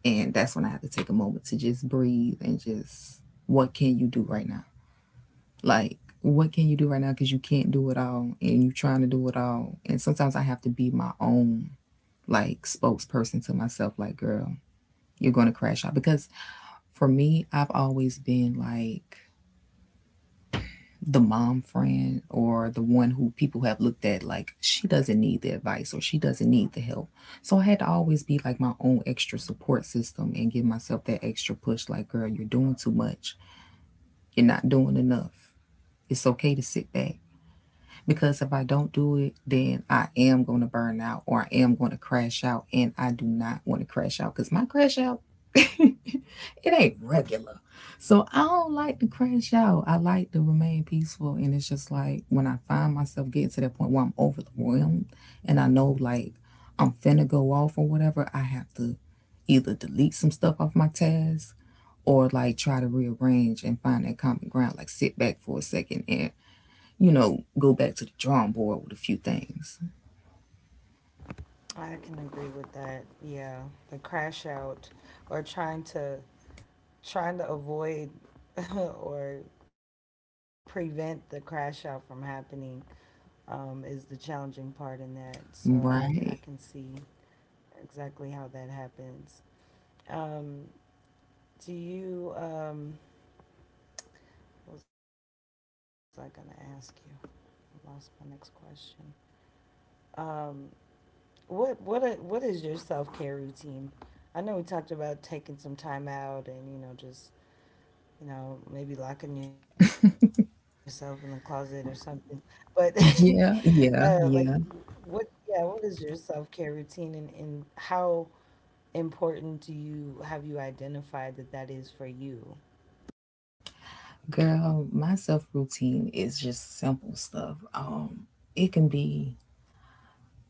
S2: And that's when I have to take a moment to just breathe and just, what can you do right now? Like, what can you do right now? Because you can't do it all and you're trying to do it all. And sometimes I have to be my own, like, spokesperson to myself, like, girl, you're going to crash out. Because for me, I've always been like the mom friend or the one who people have looked at like she doesn't need the advice or she doesn't need the help. So I had to always be like my own extra support system and give myself that extra push, like, girl, you're doing too much. You're not doing enough. It's okay to sit back. Because if I don't do it, then I am going to burn out or I am going to crash out. And I do not want to crash out because my crash out, it ain't regular. So I don't like to crash out. I like to remain peaceful. And it's just like when I find myself getting to that point where I'm overwhelmed and I know like I'm finna go off or whatever, I have to either delete some stuff off my task or like try to rearrange and find that common ground, like sit back for a second and, you know, go back to the drawing board with a few things.
S1: I can agree with that. Yeah, the crash out, or trying to avoid or prevent the crash out from happening, is the challenging part in that. So I can
S2: Right.
S1: see exactly how that happens. Um, Do you, what was I gonna ask you? I lost my next question. Um, what is your self care routine? I know we talked about taking some time out and, you know, just, you know, maybe locking yourself in the closet or something, but like
S2: Yeah, yeah,
S1: what
S2: yeah.
S1: yeah, what is your self care routine, and how important do you have you identified that that is for you?
S2: Girl, my self routine is just simple stuff. It can be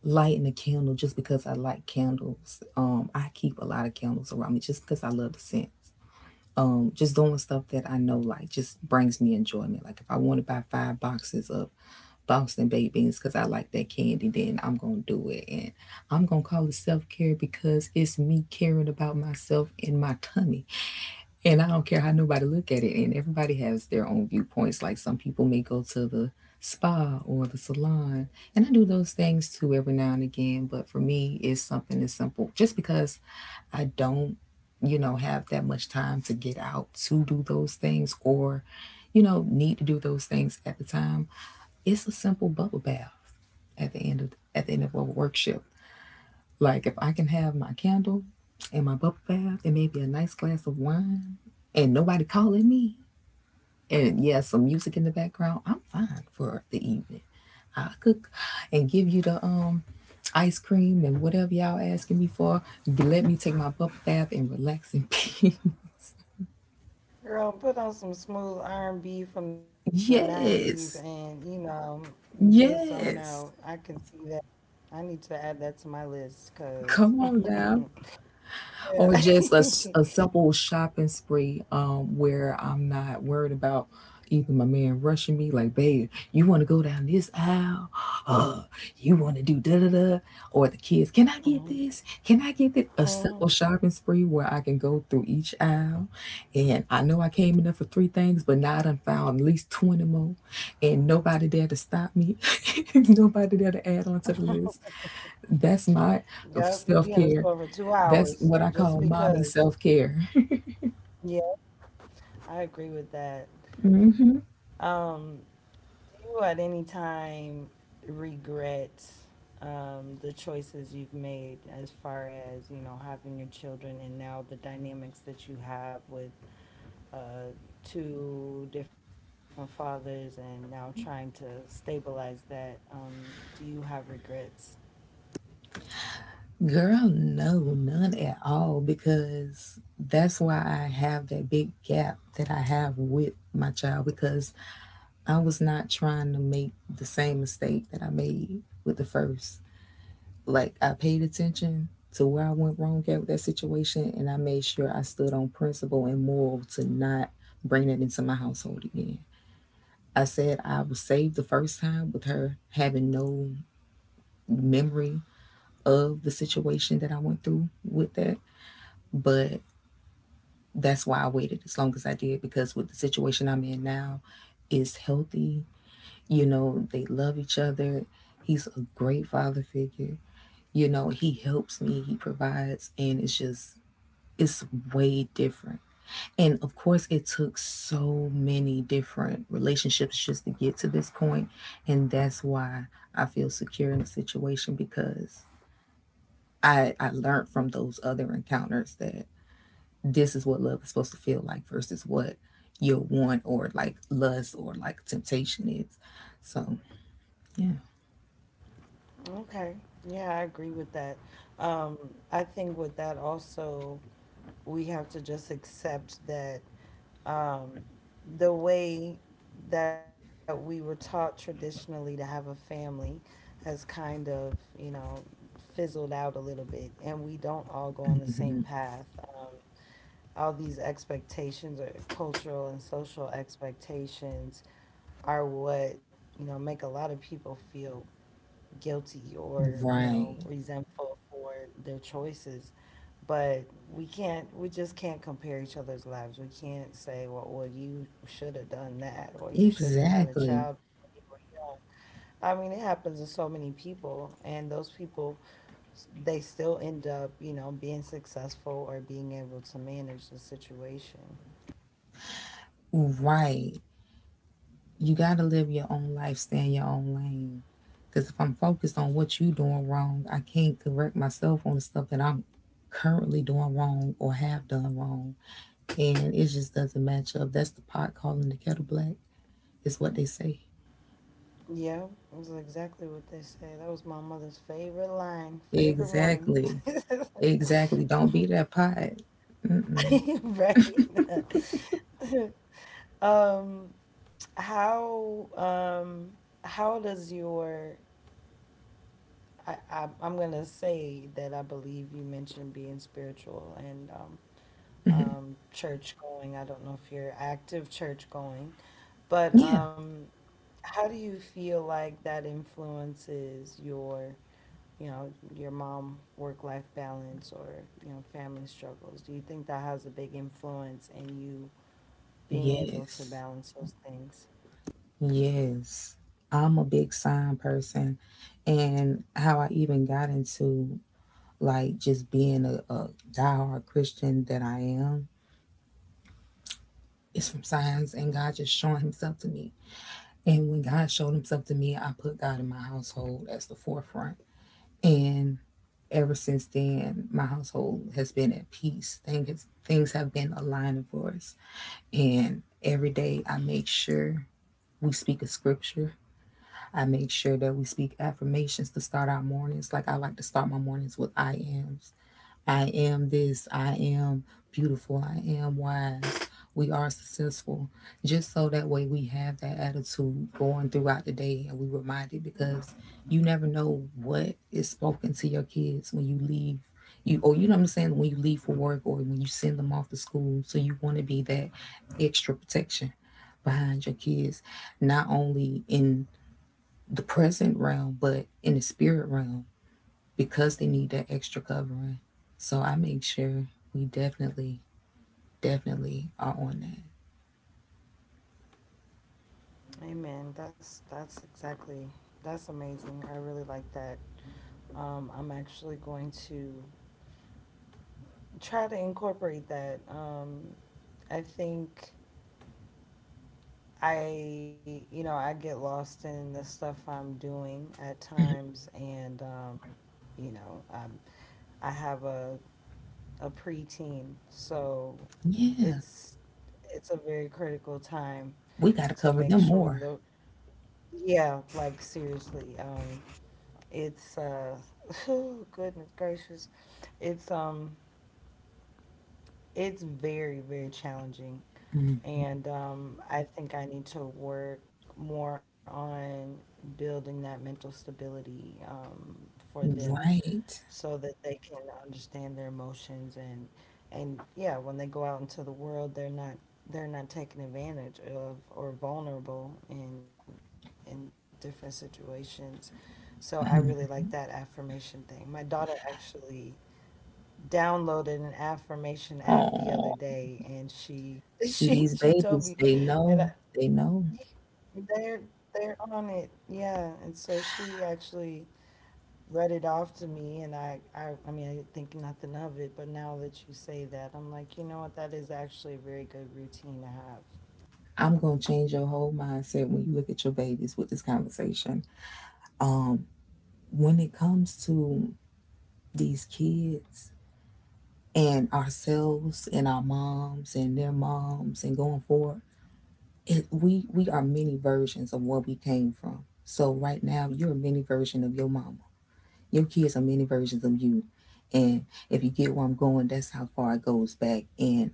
S2: lighting a candle just because I like candles. I keep a lot of candles around me just because I love the scent. Just doing stuff that I know, like, just brings me enjoyment. Like if I want to buy five boxes of Boston baked beans because I like that candy, then I'm gonna do it. And I'm gonna call it self-care because it's me caring about myself and my tummy. And I don't care how nobody look at it. And everybody has their own viewpoints. Like some people may go to the spa or the salon. And I do those things too every now and again. But for me, it's something as simple. Just because I don't, you know, have that much time to get out to do those things, or, you know, need to do those things at the time. It's a simple bubble bath at the end of at the end of a workshop. Like if I can have my candle and my bubble bath and maybe a nice glass of wine and nobody calling me and, yeah, some music in the background, I'm fine for the evening. I cook and give you the ice cream and whatever y'all asking me for. Let me take my bubble bath and relax in peace.
S1: Girl, put on some smooth R&B from the 90s and, you
S2: Yes.
S1: know, just zone out. I
S2: Yes.
S1: can see that. I need to add that to my list because,
S2: Come on now.
S1: yeah.
S2: Or just a simple shopping spree where I'm not worried about either my man rushing me, like, babe, you want to go down this aisle, uh you want to do da da da, or the kids, can I get
S1: Mhm,
S2: this, can I get this? A
S1: mhm.
S2: simple shopping spree where I can go through each aisle, and I know I came in there for three things but now I done found at least 20 more, and nobody there to stop me. Nobody there to add on to the list. That's my
S1: Yep, you'll be in the
S2: self
S1: store for
S2: care.
S1: two
S2: That's
S1: hours
S2: what I
S1: just
S2: call mommy
S1: because.
S2: self care.
S1: Yeah, I agree with that. Um, Do you at any time regret the choices you've made as far as, you know, having your children and now the dynamics that you have with uh, two different fathers and now trying to stabilize that? Do you have regrets?
S2: Girl, no, none at all, because that's why I have that big gap that I have with my child, because I was not trying to make the same mistake that I made with the first. Like, I paid attention to where I went wrong at with that situation, and I made sure I stood on principle and moral to not bring that into my household again. I said I was saved the first time with her having no memory of the situation that I went through with that. But that's why I waited as long as I did because with the situation I'm in now is healthy. You know, they love each other. He's a great father figure. You know, he helps me, he provides, and it's just It's way different. And of course, it took so many different relationships just to get to this point. And that's why I feel secure in the situation because I learned from those other encounters that this is what love is supposed to feel like versus what your want or like lust or like temptation is. So, yeah.
S1: Okay. Yeah, I agree with that. Um, I think with that also, we have to just accept that um, the way that we were taught traditionally to have a family has kind of, you know, fizzled out a little bit, and we don't all go on the same
S2: Mhm.
S1: path. All these expectations, or cultural and social expectations, are what, you know, make a lot of people feel guilty or, you know,
S2: Right.
S1: resentful for their choices. But we can't, we just can't compare each other's lives. We can't say, well, well, you should have done that, or you shouldn't have had a
S2: Exactly.
S1: child when you were young. I mean, it happens to so many people, and those people, they still end up, you know, being successful or being able to manage the situation.
S2: Right. You got to live your own life, stay in your own lane. Because if I'm focused on what you're doing wrong, I can't correct myself on the stuff that I'm currently doing wrong or have done wrong. And it just doesn't match up. That's the pot calling the kettle black, is what they say.
S1: Yeah, that's exactly what they say. That was my mother's favorite line, favorite one.
S2: Exactly. Exactly. Don't be that pot.
S1: Right. Um, how um how does your I'm gonna say that I believe you mentioned being spiritual and church going. I don't know if you're active church going, but
S2: Yeah.
S1: how do you feel like that influences your, you know, your mom work life balance, or, you know, family struggles? Do you think that has a big influence in you being able to
S2: Yes.
S1: balance those things?
S2: Yes. I'm a big sign person. And how I even got into like just being a diehard Christian that I am is from signs and God just showing himself to me. And when God showed himself to me, I put God in my household as the forefront. And ever since then, my household has been at peace. Things have been aligning for us. And every day I make sure we speak a scripture. I make sure that we speak affirmations to start our mornings. Like I like to start my mornings with I ams. I am this. I am beautiful. I am wise. We are successful. Just so that way we have that attitude going throughout the day and we reminded because you never know what is spoken to your kids when you leave. You or you know what I'm saying, when you leave for work or when you send them off to school. So you want to be that extra protection behind your kids, not only in the present realm, but in the spirit realm because they need that extra covering. So I make sure we definitely, definitely are on that.
S1: Amen. That's exactly, that's amazing. I really like that. I'm actually going to try to incorporate that. I think I you know, I get lost in the stuff I'm doing at times, and you know, I have a preteen, so
S2: Yeah,
S1: it's it's a very critical time
S2: we got to
S1: to
S2: cover them
S1: make sure
S2: more.
S1: the Yeah, like seriously. It's oh, goodness gracious. It's um it's very, very challenging. And I think I need to work more on building that mental stability, for them,
S2: Right.
S1: so that they can understand their emotions and yeah, when they go out into the world, they're not taken advantage of or vulnerable in different situations. So I really like that affirmation thing. My daughter actually downloaded an affirmation app the
S2: Oh,
S1: other day and she
S2: see
S1: she
S2: these
S1: she told me.
S2: babies, they
S1: and
S2: know,
S1: I,
S2: they know.
S1: yeah, they're on it. Yeah, and so she actually read it off to me, and I mean, I think nothing of it, but now that you say that, I'm like, you know what, that is actually a very good routine to have.
S2: I'm going to change your whole mindset when you look at your babies with this conversation. Um, when it comes to these kids and ourselves and our moms and their moms and going forward, it, we are many versions of where we came from. So right now, you're a mini version of your mama. Your kids are mini versions of you. And if you get where I'm going, that's how far it goes back. And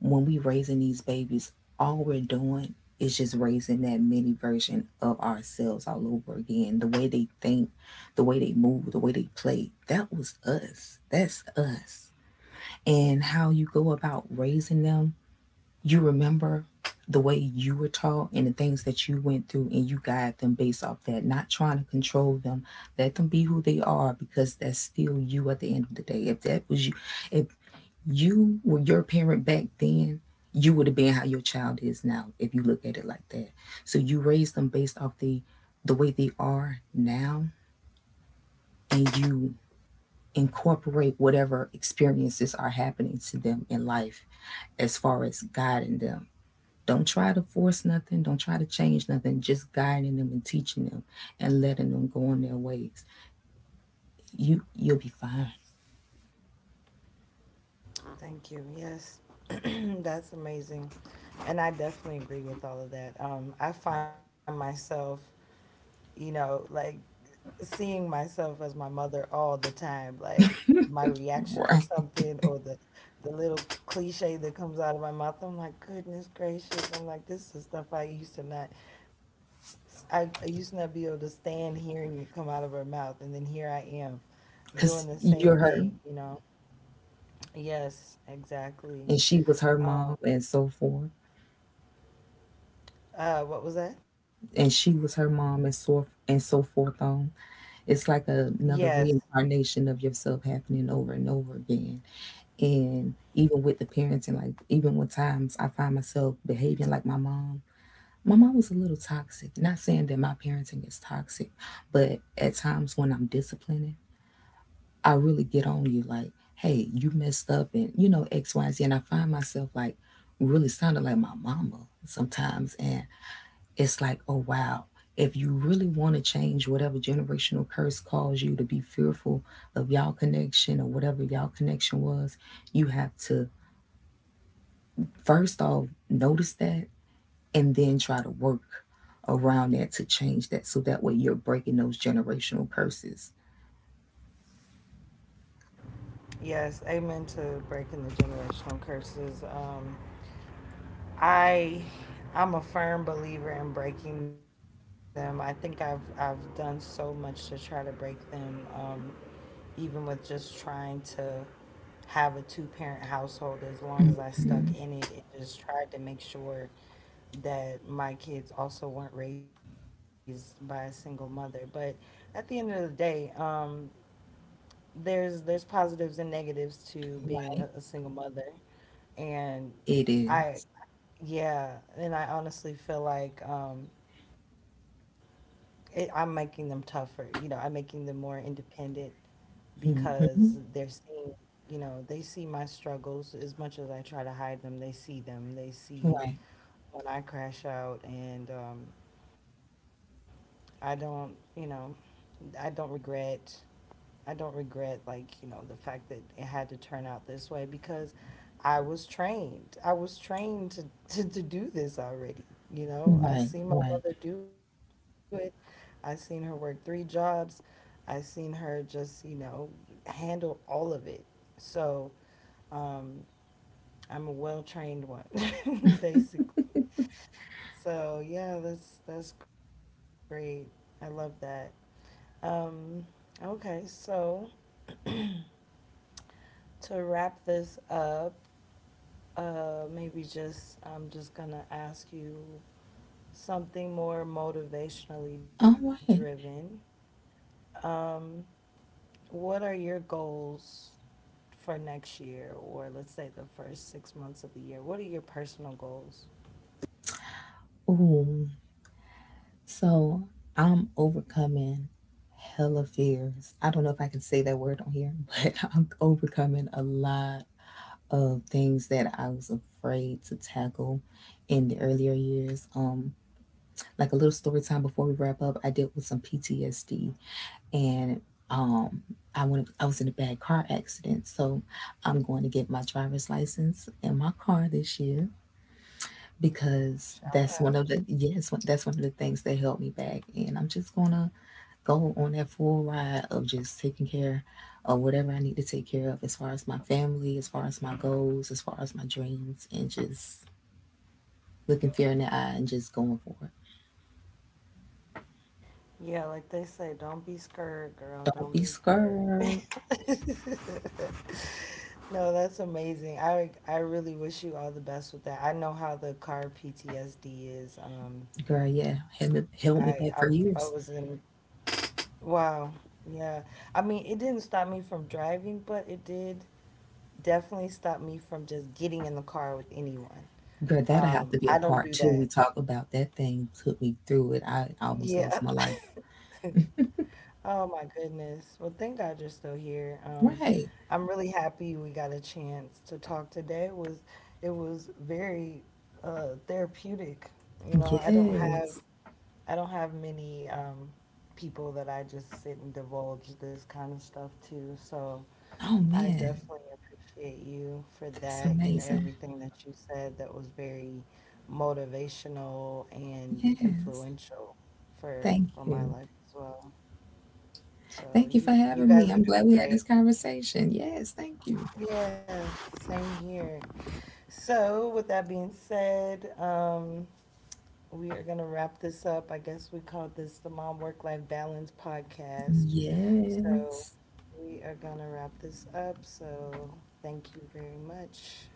S2: when we raising these babies, all we're doing is just raising that mini version of ourselves all over again. The way they think, the way they move, the way they play. That was us. That's us. And how you go about raising them you remember the way you were taught and the things that you went through, and you guide them based off that, not trying to control them. Let them be who they are because that's still you at the end of the day. If that was you, if you were your parent back then, you would have been how your child is now if you look at it like that. So you raise them based off the way they are now, and you incorporate whatever experiences are happening to them in life as far as guiding them don't try to force nothing. Don't try to change nothing. Just guiding them and teaching them and letting them go on their ways. You'll be fine,
S1: Thank you, yes. That's amazing. And I definitely agree with all of that. I find myself, you know, like, seeing myself as my mother all the time, like my reaction
S2: right?
S1: to something, or the little cliche that comes out of my mouth. I'm like, goodness gracious. I'm like, this is stuff I used to not I, I used to not be able to stand hearing it come out of her mouth, and then here I am
S2: Because
S1: doing the
S2: you're
S1: same
S2: her,
S1: thing, you know. Yes,
S2: and she
S1: exactly.
S2: was her mom,
S1: Um
S2: and so forth,
S1: what was that?
S2: and she was her mom, and so forth on. It's like
S1: Yes.
S2: another reincarnation of yourself happening over and over again. And even with the parents, and like even with times I find myself behaving like my mom. My mom was a little toxic. Not saying that my parenting is toxic, but at times when I'm disciplining, I really get on you like, hey, you messed up and X, Y, Z. And I find myself like really sounding like my mama sometimes. And it's like, oh, wow. If you really want to change whatever generational curse caused you to be fearful of y'all connection or whatever y'all connection was, you have to first off notice that and then try to work around that to change that so that way you're breaking those generational curses.
S1: Yes, amen to breaking the generational curses. I I'm a firm believer in breaking them. I think I've done so much to try to break them. Even with just trying to have a two parent household, as long as I stuck in it and just tried to make sure that my kids also weren't raised by a single mother. But at the end of the day, there's positives and negatives to being a
S2: Right.
S1: single mother, and
S2: It
S1: I,
S2: is,
S1: yeah, and I honestly feel like I'm making them tougher. You know, I'm making them more independent because they're
S2: hmm.
S1: seeing, you know, they see my struggles as much as I try to hide them. They see them. They see
S2: Right.
S1: when I crash out, and I don't, you know, I don't regret. I don't regret, like, you know, the fact that it had to turn out this way, because I was trained. I was trained to to do this already. You know, I
S2: Right.
S1: seen my
S2: Right.
S1: mother do it. I seen her work three jobs. I seen her just, you know, handle all of it. So um, I'm a well trained one, basically. So yeah, that's great. I love that. Um, okay, so to wrap this up, maybe I'm just gonna ask you something more motivationally
S2: All
S1: driven.
S2: right.
S1: What are your goals for next year, or let's say the first 6 months of the year? What are your personal goals?
S2: Ooh. So I'm overcoming hella fears. I don't know if I can say that word on here. But I'm overcoming a lot of things that I was afraid to tackle in the earlier years. Like a little story time before we wrap up, I dealt with some PTSD. And I went. I was in a bad car accident, so I'm going to get my driver's license and my car this year because
S1: Shout
S2: that's one of
S1: out.
S2: the yes, that's one of the things that held me back. And I'm just gonna go on that full ride of just taking care of whatever I need to take care of, as far as my family, as far as my goals, as far as my dreams, and just looking fear in the eye and just going for it.
S1: Yeah, like they say, don't be scared, girl.
S2: Don't
S1: Don't
S2: be
S1: be scared.
S2: scared,
S1: No, that's amazing. I really wish you all the best with that. I know how the car PTSD is.
S2: girl. Yeah, held
S1: I
S2: me,
S1: I,
S2: held me
S1: I
S2: back
S1: was
S2: for
S1: in
S2: years.
S1: Wow. Yeah. I mean, it didn't stop me from driving, but it did definitely stop me from just getting in the car with anyone.
S2: Girl, that'll have to be a
S1: I don't
S2: part
S1: do
S2: two. We
S1: that.
S2: talk about that thing took me through it.
S1: Yeah.
S2: I almost lost my life.
S1: Oh my goodness. Well, thank God you're still here.
S2: Right.
S1: I'm really happy we got a chance to talk today. It was very therapeutic. You know,
S2: Yes.
S1: I don't have many, people that I just sit and divulge this kind of stuff to. So
S2: Oh
S1: I
S2: man,
S1: definitely appreciate you for
S2: that's
S1: that, and
S2: amazing.
S1: everything that you said, that was very motivational and
S2: Yes.
S1: influential for
S2: Thank
S1: my
S2: you.
S1: life as well. So
S2: Thank you
S1: you
S2: for
S1: you
S2: having me.
S1: guys are
S2: I'm glad
S1: doing
S2: we had this
S1: great.
S2: conversation. Yes, thank you.
S1: Yeah, same here. So with that being said, we are gonna wrap this up. I guess we called this the Mom Work Life Balance podcast. So
S2: Yes.
S1: we are gonna wrap this up. So thank you very much.